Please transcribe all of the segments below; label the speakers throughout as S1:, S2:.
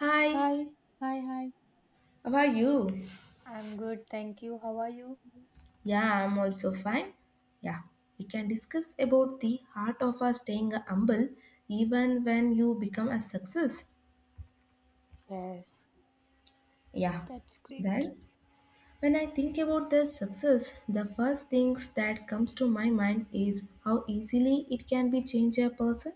S1: Hi,
S2: Hi, hi.
S1: how are you?
S2: I'm good, thank you. How are you?
S1: Yeah, I'm also fine. Yeah, we can discuss about the heart of staying humble even when you become a success.
S2: Yes,
S1: Yeah,
S2: that's great.
S1: then when I think about the success, the first things that comes to my mind is how easily it can be change a person,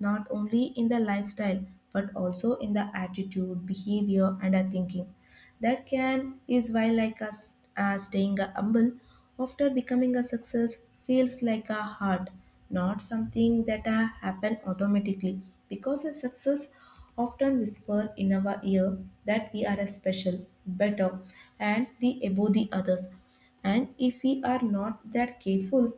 S1: not only in the lifestyle but also in the attitude, behavior, and thinking. That can is why like us staying a humble after becoming a success feels like a heart, not something that happen automatically. Because a success often whisper in our ear that we are a special, better, and the above the others. And if we are not that careful,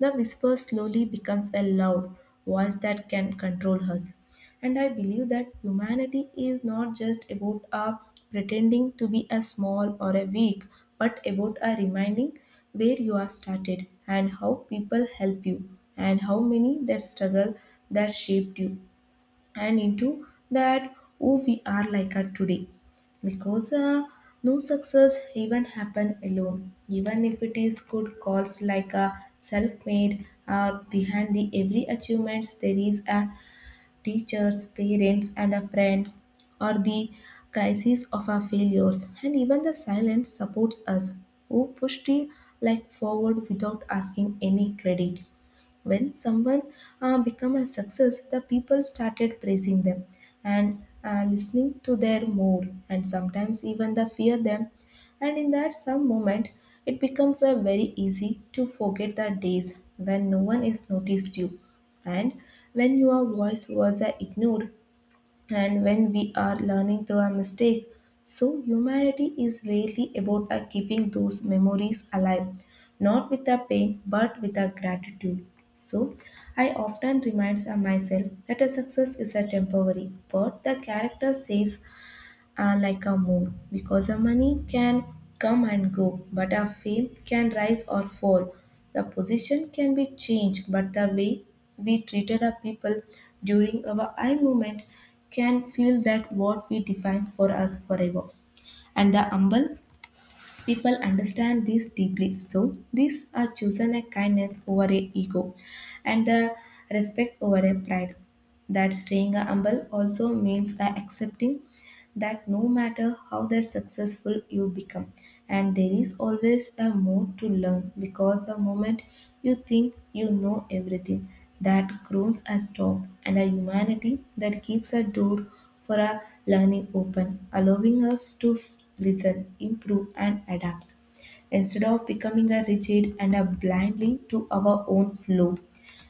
S1: the whisper slowly becomes a loud voice that can control us. And I believe that humanity is not just about a pretending to be a small or a weak, but about a reminding where you are started and how people help you and how many that struggle that shaped you and into that who we are like at today. Because no success even happen alone, even if it is good calls like a self-made. Behind the every achievements there is a teachers parents and a friend or the crisis of our failures and even the silence supports us who pushed it like forward without asking any credit. When someone become a success, the people started praising them and listening to their more and sometimes even the fear them. And in that some moment, it becomes a very easy to forget the days when no one is noticed you and when your voice was ignored and when we are learning through our mistakes. So, humanity is really about our keeping those memories alive, not with our pain but with our gratitude. So, I often remind myself that a success is a temporary, but the character says are like a moon, because a money can come and go, but a fame can rise or fall. The position can be changed, but the way we treated our people during our I movement can feel that what we define for us forever. And the humble people understand this deeply. So these are chosen a kindness over a ego and the respect over a pride, that staying humble also means accepting that no matter how that successful you become, and there is always a more to learn. Because the moment you think you know everything, that groans and storms, and a humanity that keeps a door for our learning open, allowing us to listen, improve and adapt instead of becoming a rigid and a blindly to our own flow.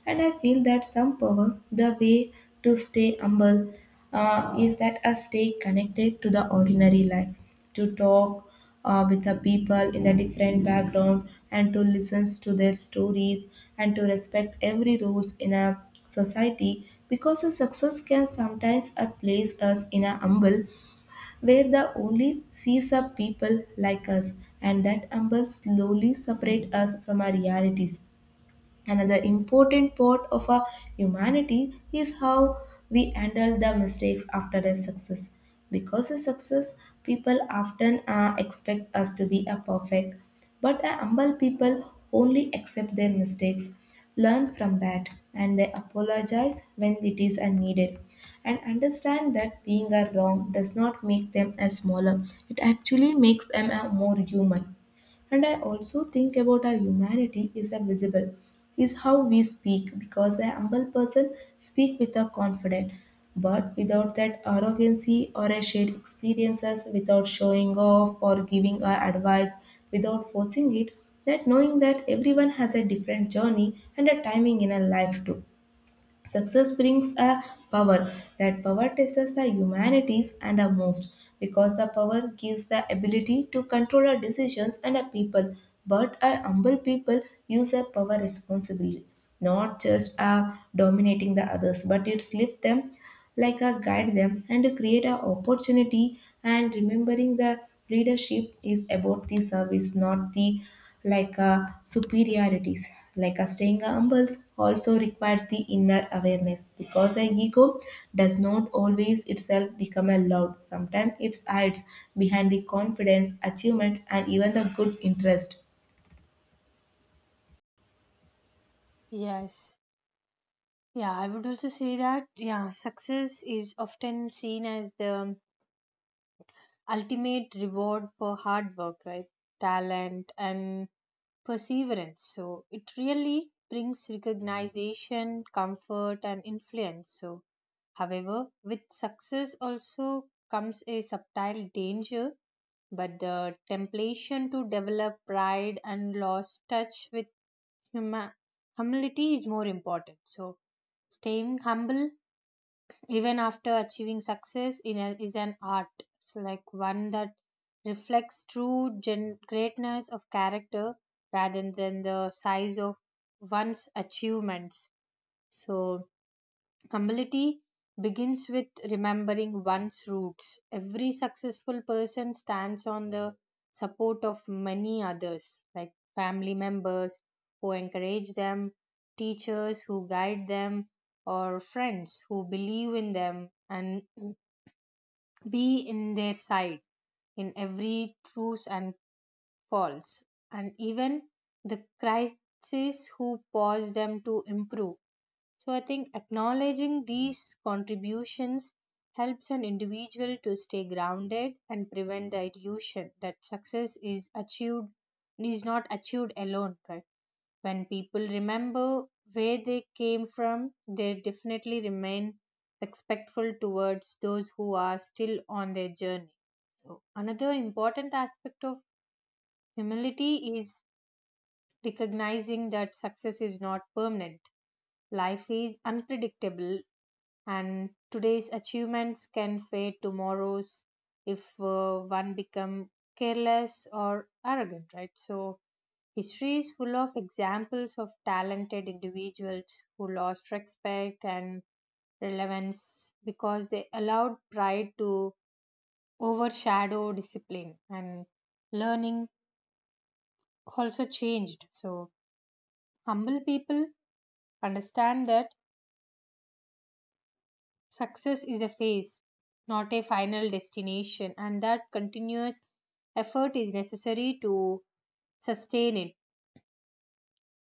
S1: And I feel that some power, the way to stay humble is that I stay connected to the ordinary life, to talk with the people in the different background, and to listen to their stories, and to respect every rules in a society, because a success can sometimes place us in a humble where the only sees are people like us, and that humble slowly separate us from our realities. Another important part of our humanity is how we handle the mistakes after a success. Because of success, people often expect us to be a perfect, but a humble people only accept their mistakes, learn from that, and they apologize when it is unneeded, and understand that being a wrong does not make them a smaller. It actually makes them a more human. And I also think about our humanity is a visible, is how we speak, because a humble person speak with a confidence, but without that arrogancy or a shared experiences, without showing off or giving our advice, without forcing it, that knowing that everyone has a different journey and a timing in a life too. Success brings a power. That power tests the humanities and the most, because the power gives the ability to control our decisions and our people. But a humble people use their power responsibly, not just dominating the others, but it's lift them, like a guide them and create an opportunity, and remembering the leadership is about the service, not the like superiorities. Like a staying humble also requires the inner awareness, because a ego does not always itself become a loud. Sometimes it hides behind the confidence, achievements and even the good interest.
S2: Yes. Yeah, I would also say that, yeah, success is often seen as the ultimate reward for hard work, right? Talent and perseverance. So it really brings recognition, comfort, and influence. So, however, with success also comes a subtle danger but the temptation to develop pride and lost touch with huma- humility is more important. So, staying humble even after achieving success in a, is an art, so like one that reflects greatness of character rather than the size of one's achievements. So, humility begins with remembering one's roots. Every successful person stands on the support of many others, like family members who encourage them, teachers who guide them, or friends who believe in them and be in their side in every truth and false, and even the crisis who pause them to improve. So I think acknowledging these contributions helps an individual to stay grounded and prevent the illusion that success is achieved is not achieved alone, right? When people remember where they came from, they definitely remain respectful towards those who are still on their journey. So another important aspect of humility is recognizing that success is not permanent. Life is unpredictable and today's achievements can fade tomorrow's if one become careless or arrogant, right? So history is full of examples of talented individuals who lost respect and relevance because they allowed pride to overshadow discipline and learning also changed. So humble people understand that success is a phase, not a final destination, and that continuous effort is necessary to sustain it.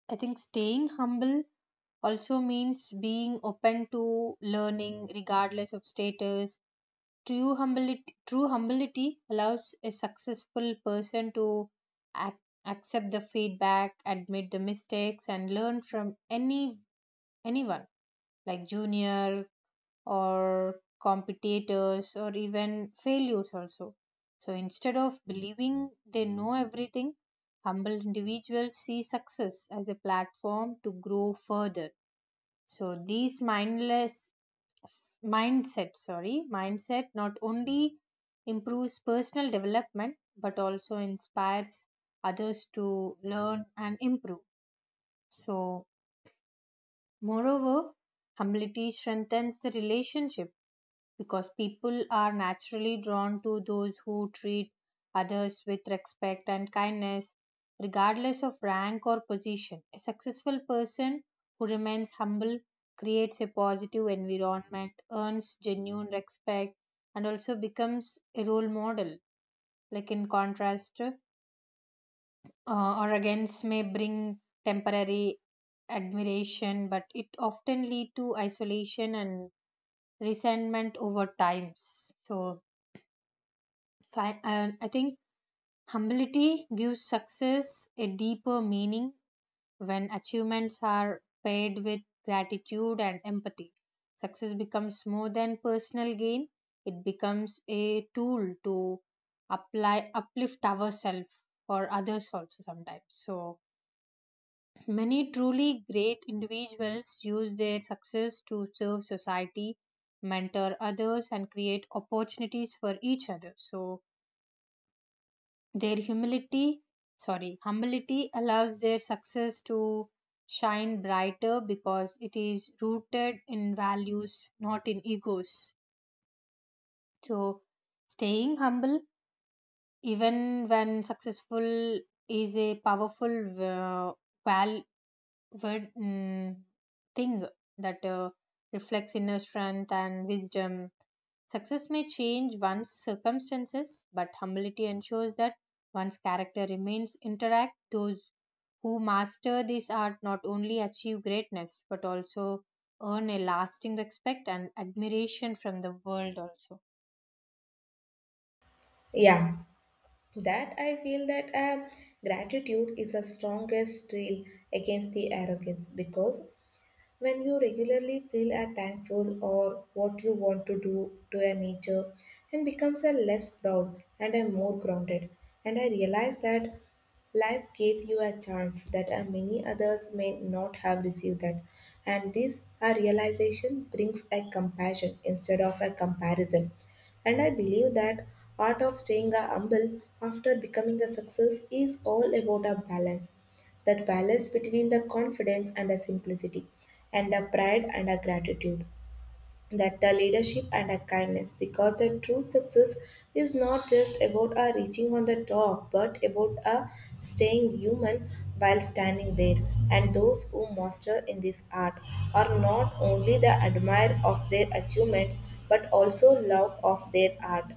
S2: I think staying humble also means being open to learning regardless of status. True humility allows a successful person to ac- accept the feedback, admit the mistakes, and learn from anyone, like junior, or competitors or even failures also. So instead of believing they know everything, humble individuals see success as a platform to grow further. So these mindless mindset, sorry, mindset not only improves personal development but also inspires others to learn and improve. So moreover, humility strengthens the relationship because people are naturally drawn to those who treat others with respect and kindness, regardless of rank or position. A successful person who remains humble creates a positive environment, earns genuine respect, and also becomes a role model. Like in contrast, or against may bring temporary admiration, but it often lead to isolation and resentment over times. So I think humility gives success a deeper meaning when achievements are paired with gratitude and empathy. Success becomes more than personal gain, it becomes a tool to apply, uplift ourselves or others also sometimes. So, many truly great individuals use their success to serve society, mentor others, and create opportunities for each other. So, Their humility, humility allows their success to shine brighter because it is rooted in values, not in egos. So, staying humble, even when successful, is a powerful val- word, thing that reflects inner strength and wisdom. Success may change one's circumstances, but humility ensures that one's character remains intact. Those who master this art not only achieve greatness but also earn a lasting respect and admiration from the world also.
S1: Yeah, that I feel that gratitude is the strongest tool against the arrogance, because when you regularly feel are thankful or what you want to do to a nature, and becomes a less proud and a more grounded. And I realize that life gave you a chance that a many others may not have received that. And this a realization brings a compassion instead of a comparison. And I believe that art of staying a humble after becoming a success is all about a balance, that balance between the confidence and the simplicity, and the pride and the gratitude, that the leadership and the kindness, because the true success is not just about a reaching on the top, but about a staying human while standing there. And those who master in this art are not only the admirer of their achievements, but also love of their art.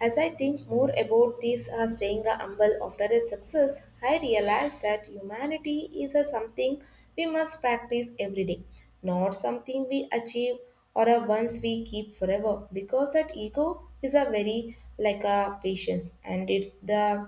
S1: As I think more about this staying humble after a success, I realize that humanity is a something we must practice every day, not something we achieve or a once we keep forever. Because that ego is a very like a patience, and it's the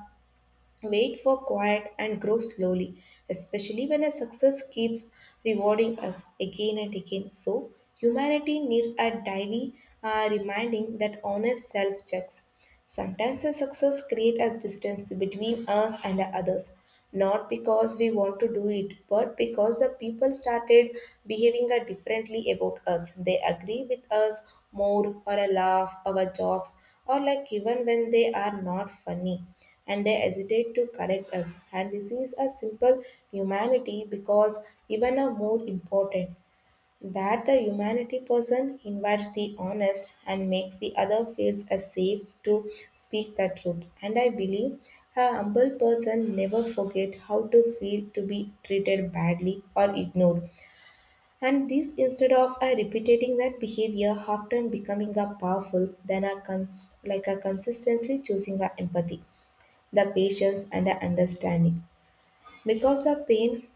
S1: wait for quiet and grow slowly, especially when a success keeps rewarding us again and again. So, humanity needs a daily reminding, that honest self checks. Sometimes a success creates a distance between us and the others, not because we want to do it, but because the people started behaving differently about us. They agree with us more or a laugh, our jokes, or like even when they are not funny, and they hesitate to correct us. And this is a simple humanity, because even a more important that the humanity person invites the honest and makes the other feels as safe to speak the truth. And I believe a humble person never forget how to feel to be treated badly or ignored. And this, instead of repeating that behavior, often becoming a powerful than a like a consistently choosing a empathy, the patience and a understanding. Because the pain,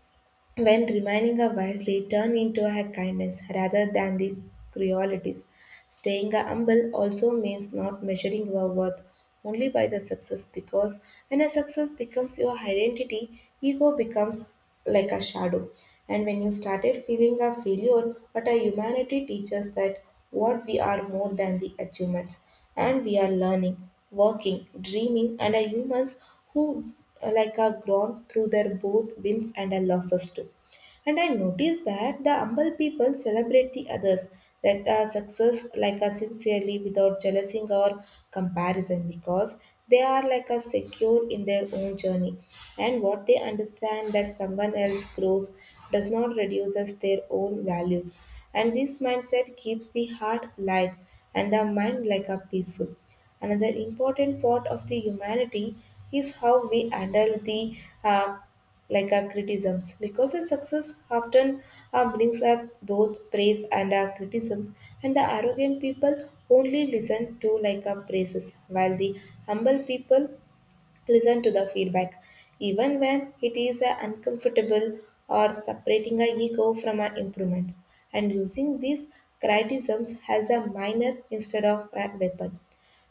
S1: when remaining a vice, they turn into a kindness rather than the cruelties. Staying humble also means not measuring your worth only by the success, because when a success becomes your identity, ego becomes like a shadow. And when you started feeling a failure, but our humanity teaches that what we are more than the achievements, and we are learning, working, dreaming, and are humans who like a grown through their both wins and their losses too. And I noticed that the humble people celebrate the others, that success like a sincerely, without jealousy or comparison, because they are like a secure in their own journey, and what they understand that someone else grows does not reduces their own values. And this mindset keeps the heart light and the mind like a peaceful. Another important part of the humanity is how we handle the uh, like our criticisms, because a success often brings up both praise and criticism, and the arrogant people only listen to like our praises, while the humble people listen to the feedback even when it is uncomfortable, or separating our ego from our improvements, and using these criticisms as a minor instead of a weapon.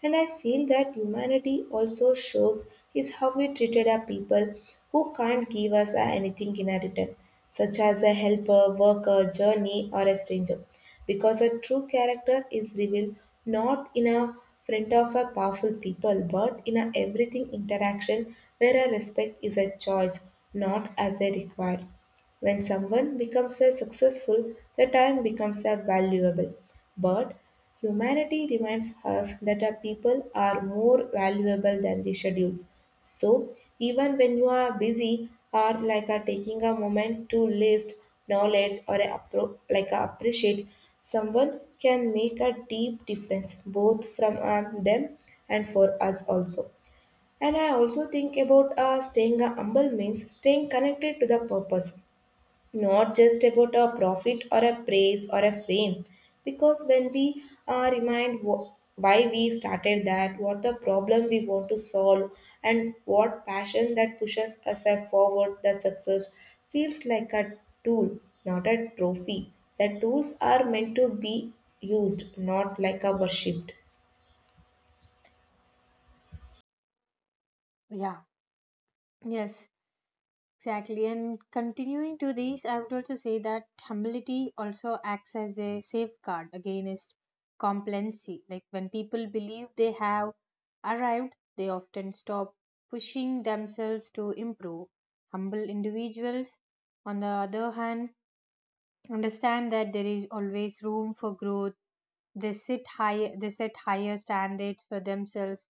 S1: And I feel that humanity also shows is how we treated our people who can't give us anything in return, such as a helper, worker, journey, or a stranger. Because a true character is revealed not in a front of a powerful people, but in a everything interaction where a respect is a choice, not as a required. When someone becomes a successful, the time becomes a valuable. But humanity reminds us that our people are more valuable than the schedules. So even when you are busy or like are taking a moment to list knowledge or a like a appreciate, someone can make a deep difference both from them and for us also. And I also think about staying a humble means staying connected to the purpose, not just about a profit or a praise or a fame, because when we remind why we started, that what the problem we want to solve and what passion that pushes us a forward, the success feels like a tool, not a trophy. The tools are meant to be used, not like a worshipped.
S2: Yeah, yes, exactly. And continuing to this, I would also say that humility also acts as a safeguard against complacency. Like when people believe they have arrived, they often stop pushing themselves to improve. Humble individuals, on the other hand, understand that there is always room for growth. They set higher standards for themselves,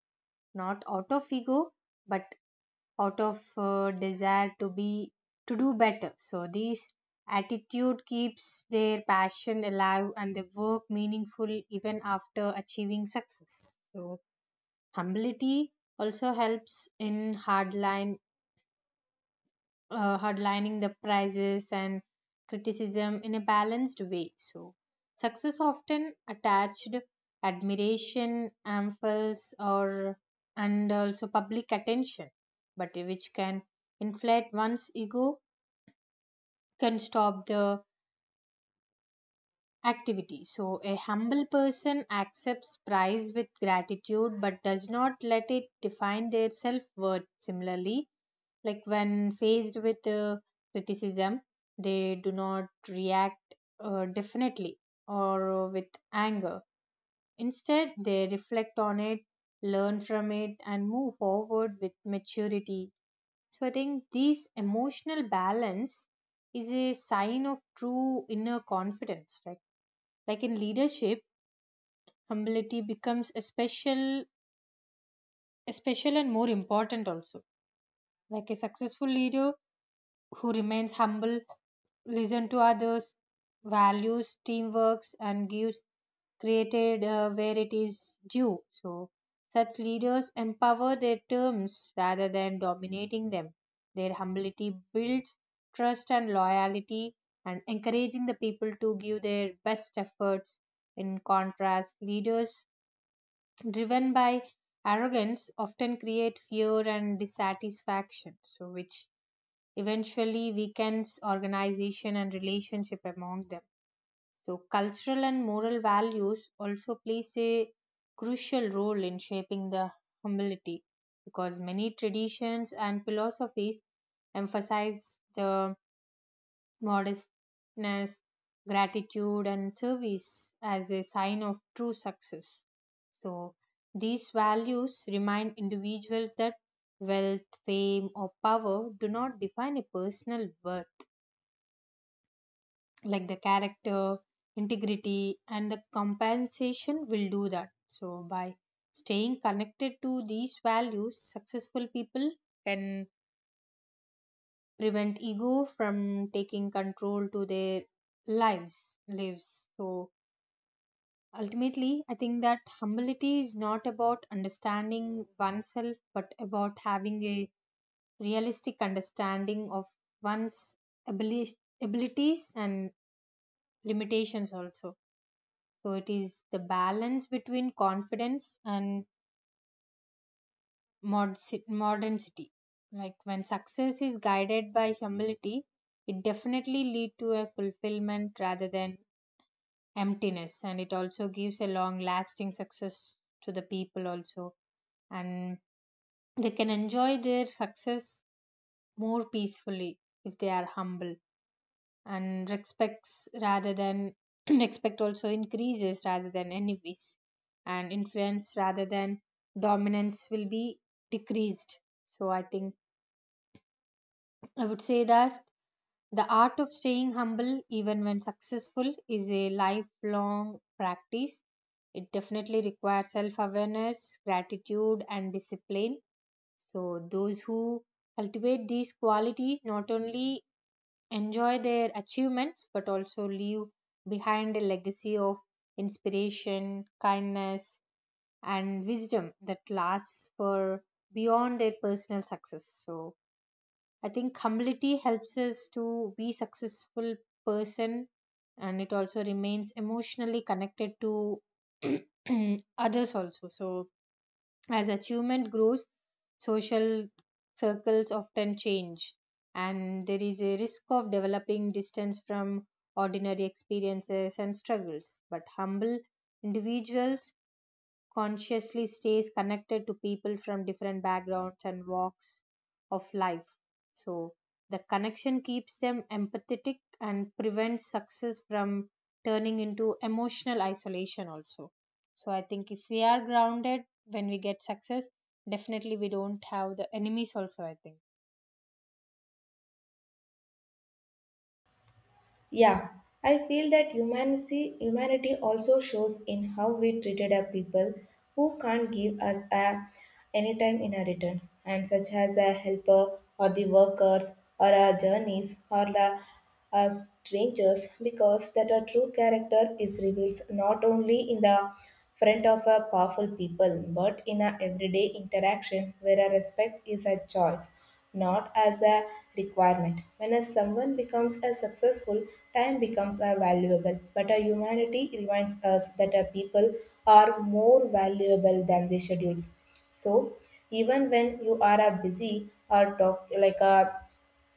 S2: not out of ego, but out of desire to be to do better. So this attitude keeps their passion alive and their work meaningful even after achieving success. So humility also helps in hardline headlining the prizes and criticism in a balanced way. So, success often attached admiration, amples, or and also public attention, but which can inflate one's ego, can stop the activity. So, a humble person accepts praise with gratitude but does not let it define their self worth. Similarly, like when faced with criticism, they do not react definitely or with anger. Instead, they reflect on it, learn from it, and move forward with maturity. So I think this emotional balance is a sign of true inner confidence, right? Like in leadership, humility becomes a special and more important also. Like a successful leader who remains humble listen to others, values teamworks, and gives created where it is due. So, such leaders empower their terms rather than dominating them. Their humility builds trust and loyalty, and encouraging the people to give their best efforts. In contrast, leaders driven by arrogance often create fear and dissatisfaction, so which eventually weakens organization and relationship among them. So cultural and moral values also plays a crucial role in shaping the humility because many traditions and philosophies emphasize the modestness, gratitude and service as a sign of true success. So these values remind individuals that wealth, fame or power do not define a personal worth, like the character, integrity and the compensation will do that. So by staying connected to these values, successful people can prevent ego from taking control to their lives. So ultimately I think that humility is not about understanding oneself but about having a realistic understanding of one's abili- abilities and limitations also. So it is the balance between confidence and mod- modernity. Like when success is guided by humility, it definitely lead to a fulfillment rather than emptiness, and it also gives a long lasting success to the people also, and they can enjoy their success more peacefully if they are humble. And respects rather than respect also increases rather than enemies, and influence rather than dominance will be decreased. So I would say that the art of staying humble even when successful is a lifelong practice. It definitely requires self awareness, gratitude and discipline. So those who cultivate these qualities not only enjoy their achievements but also leave behind a legacy of inspiration, kindness, and wisdom that lasts for beyond their personal success. So I think humility helps us to be successful person and it also remains emotionally connected to others also. So as achievement grows, social circles often change, and there is a risk of developing distance from ordinary experiences and struggles. But humble individuals consciously stays connected to people from different backgrounds and walks of life. So the connection keeps them empathetic and prevents success from turning into emotional isolation also. So I think if we are grounded when we get success, definitely we don't have the enemies also, I think.
S1: Yeah, I feel that humanity also shows in how we treated our people who can't give us a any time in a return, and such as a helper or the workers or our journeys or the strangers, because that our true character is reveals not only in the front of a powerful people but in our everyday interaction where a respect is a choice, not as a requirement. When a someone becomes a successful, time becomes a valuable. But a humanity reminds us that a people are more valuable than the schedules. So even when you are a busy or talk like a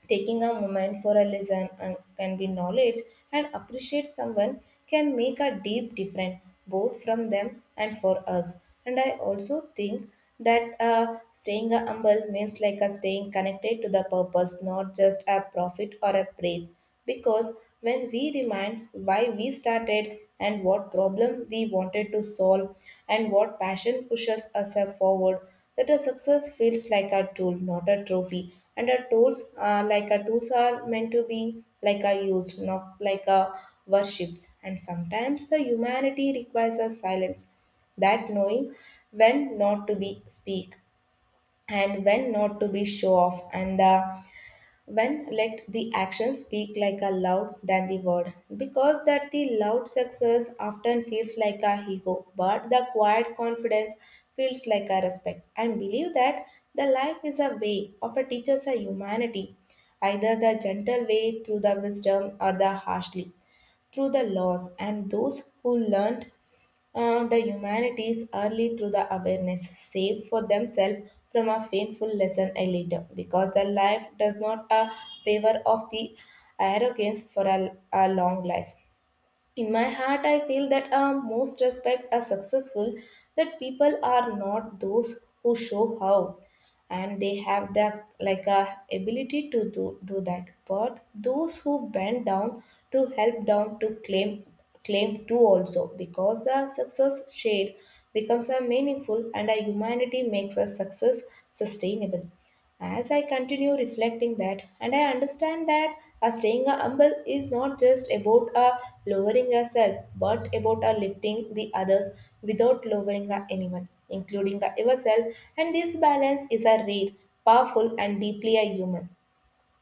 S1: taking a moment for a listen and can be knowledge and appreciate someone can make a deep difference both from them and for us. And I also think that staying a humble means like a staying connected to the purpose, not just a profit or a praise. Because when we remind why we started and what problem we wanted to solve and what passion pushes us forward, that a success feels like a tool, not a trophy. And our tools, are meant to be like are used, not like a worshipped. And sometimes the humanity requires a silence, that knowing when not to be speak and when not to be show off and the when let the action speak like a loud than the word, because that the loud success often feels like a ego, but the quiet confidence feels like a respect, and believe that the life is a way of a teacher's a humanity, either the gentle way through the wisdom or the harshly through the laws, and those who learned the humanities early through the awareness save for themselves from a painful lesson a later, because the life does not a favor of the arrogance for a long life. In my heart, I feel that most respect are successful, that people are not those who show how, and they have the like a ability to do that. But those who bend down to help down to claim to also, because the success shared becomes a meaningful and a humanity makes a success sustainable. As I continue reflecting that, and I understand that a staying humble is not just about a lowering yourself, but about a lifting the others without lowering a anyone, including a yourself. And this balance is a rare, powerful, and deeply a human,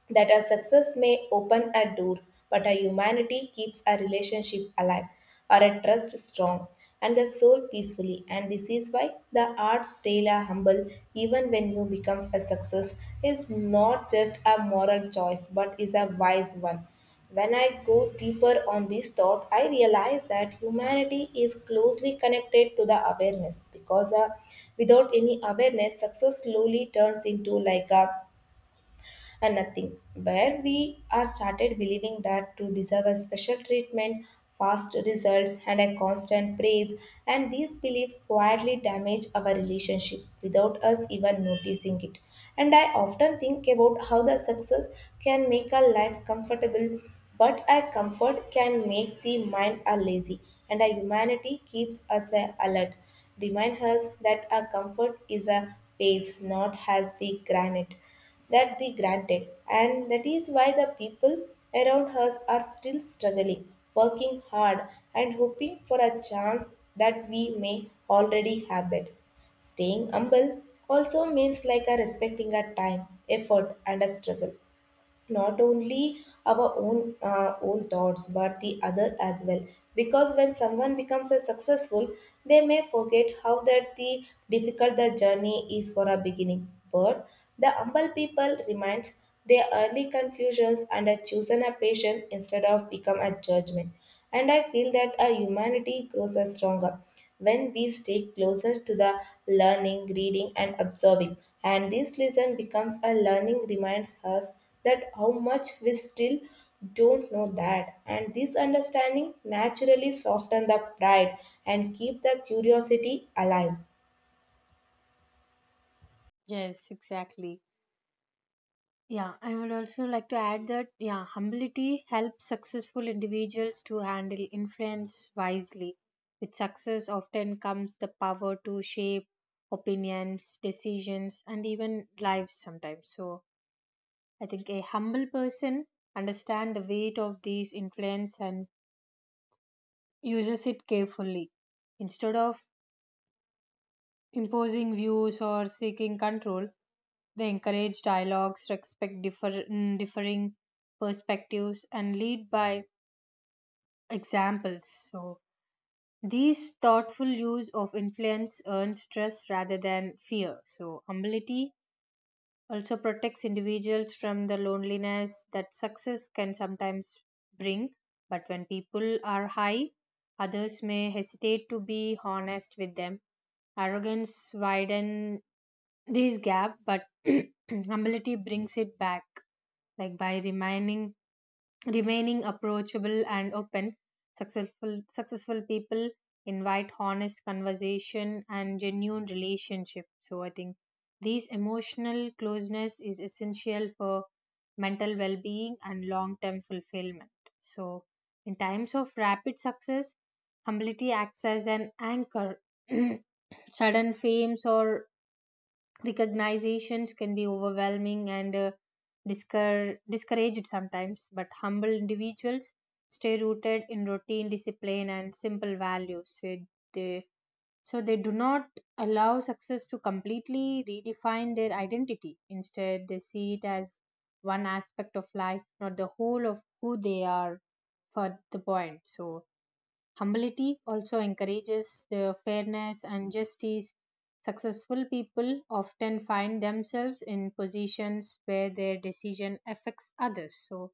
S1: that our success may open our doors, but our humanity keeps our relationship alive, our trust strong, and the soul peacefully. And this is why the arts tale are humble, even when you becomes a success, is not just a moral choice, but is a wise one. When I go deeper on this thought, I realize that humanity is closely connected to the awareness, because without any awareness, success slowly turns into like a and nothing. Where we are started believing that to deserve a special treatment, fast results, and a constant praise, and these beliefs quietly damage our relationship without us even noticing it. And I often think about how the success can make a life comfortable, but a comfort can make the mind a lazy, and a humanity keeps us a alert. Remind us that our comfort is a phase, not as the granite that they granted, and that is why the people around us are still struggling, working hard, and hoping for a chance that we may already have that. Staying humble also means like a respecting a time, effort, and a struggle, not only our own own thoughts but the other as well, because when someone becomes a successful they may forget how that the difficult the journey is for a beginning, but the humble people reminds their early confusions and are chosen a patient instead of become a judgment. And I feel that our humanity grows us stronger when we stay closer to the learning, reading, and observing. And this lesson becomes a learning reminds us that how much we still don't know that. And this understanding naturally soften the pride and keep the curiosity alive.
S2: Yes, exactly. Yeah, I would also like to add that, yeah, humility helps successful individuals to handle influence wisely. With success often comes the power to shape opinions, decisions, and even lives sometimes. So I think a humble person understands the weight of these influence and uses it carefully. Instead of imposing views or seeking control, they encourage dialogues, respect differing perspectives, and lead by examples. So, these thoughtful use of influence earns trust rather than fear. So, humility also protects individuals from the loneliness that success can sometimes bring. But when people are high, others may hesitate to be honest with them. Arrogance widens this gap, but humility brings it back. Like by remaining approachable and open, successful people invite honest conversation and genuine relationship. So I think these emotional closeness is essential for mental well-being and long-term fulfillment. So in times of rapid success, humility acts as an anchor. Sudden fames or recognitions can be overwhelming and discouraged sometimes, but humble individuals stay rooted in routine, discipline, and simple values. So they, they do not allow success to completely redefine their identity. Instead, they see it as one aspect of life, not the whole of who they are for the point. So humility also encourages the fairness and justice. Successful people often find themselves in positions where their decision affects others. So,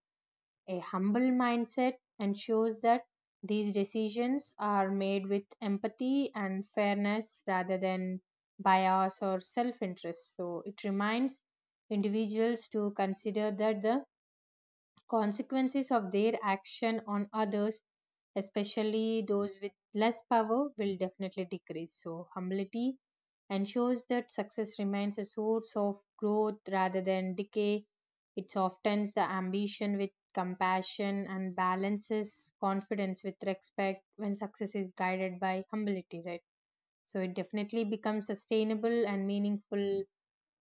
S2: a humble mindset ensures that these decisions are made with empathy and fairness rather than bias or self interest. So, it reminds individuals to consider that the consequences of their action on others, especially those with less power, will definitely decrease. So humility ensures that success remains a source of growth rather than decay. It softens the ambition with compassion and balances confidence with respect. When success is guided by humility, right, so it definitely becomes sustainable and meaningful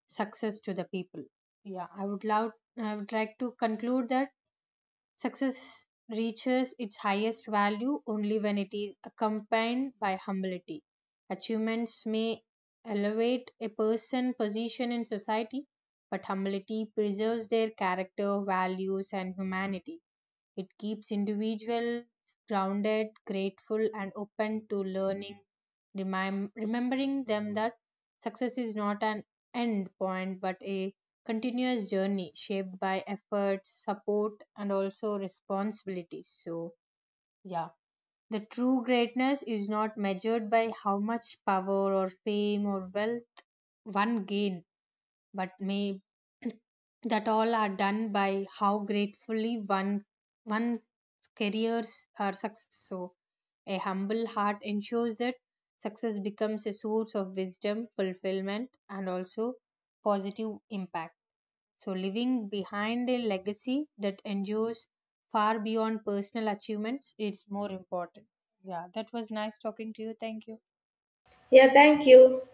S2: success to the people. Yeah i would love i would like to conclude that success reaches its highest value only when it is accompanied by humility. Achievements may elevate a person's position in society, but humility preserves their character, values, and humanity. It keeps individuals grounded, grateful, and open to learning, remembering them that success is not an end point but a continuous journey shaped by efforts, support, and also responsibilities. So, yeah. The true greatness is not measured by how much power or fame or wealth one gain, but may that all are done by how gratefully one careers or success. So, a humble heart ensures that success becomes a source of wisdom, fulfillment, and also positive impact. So, leaving behind a legacy that endures far beyond personal achievements is more important. Yeah, that was nice talking to you. Thank you.
S1: Yeah, thank you.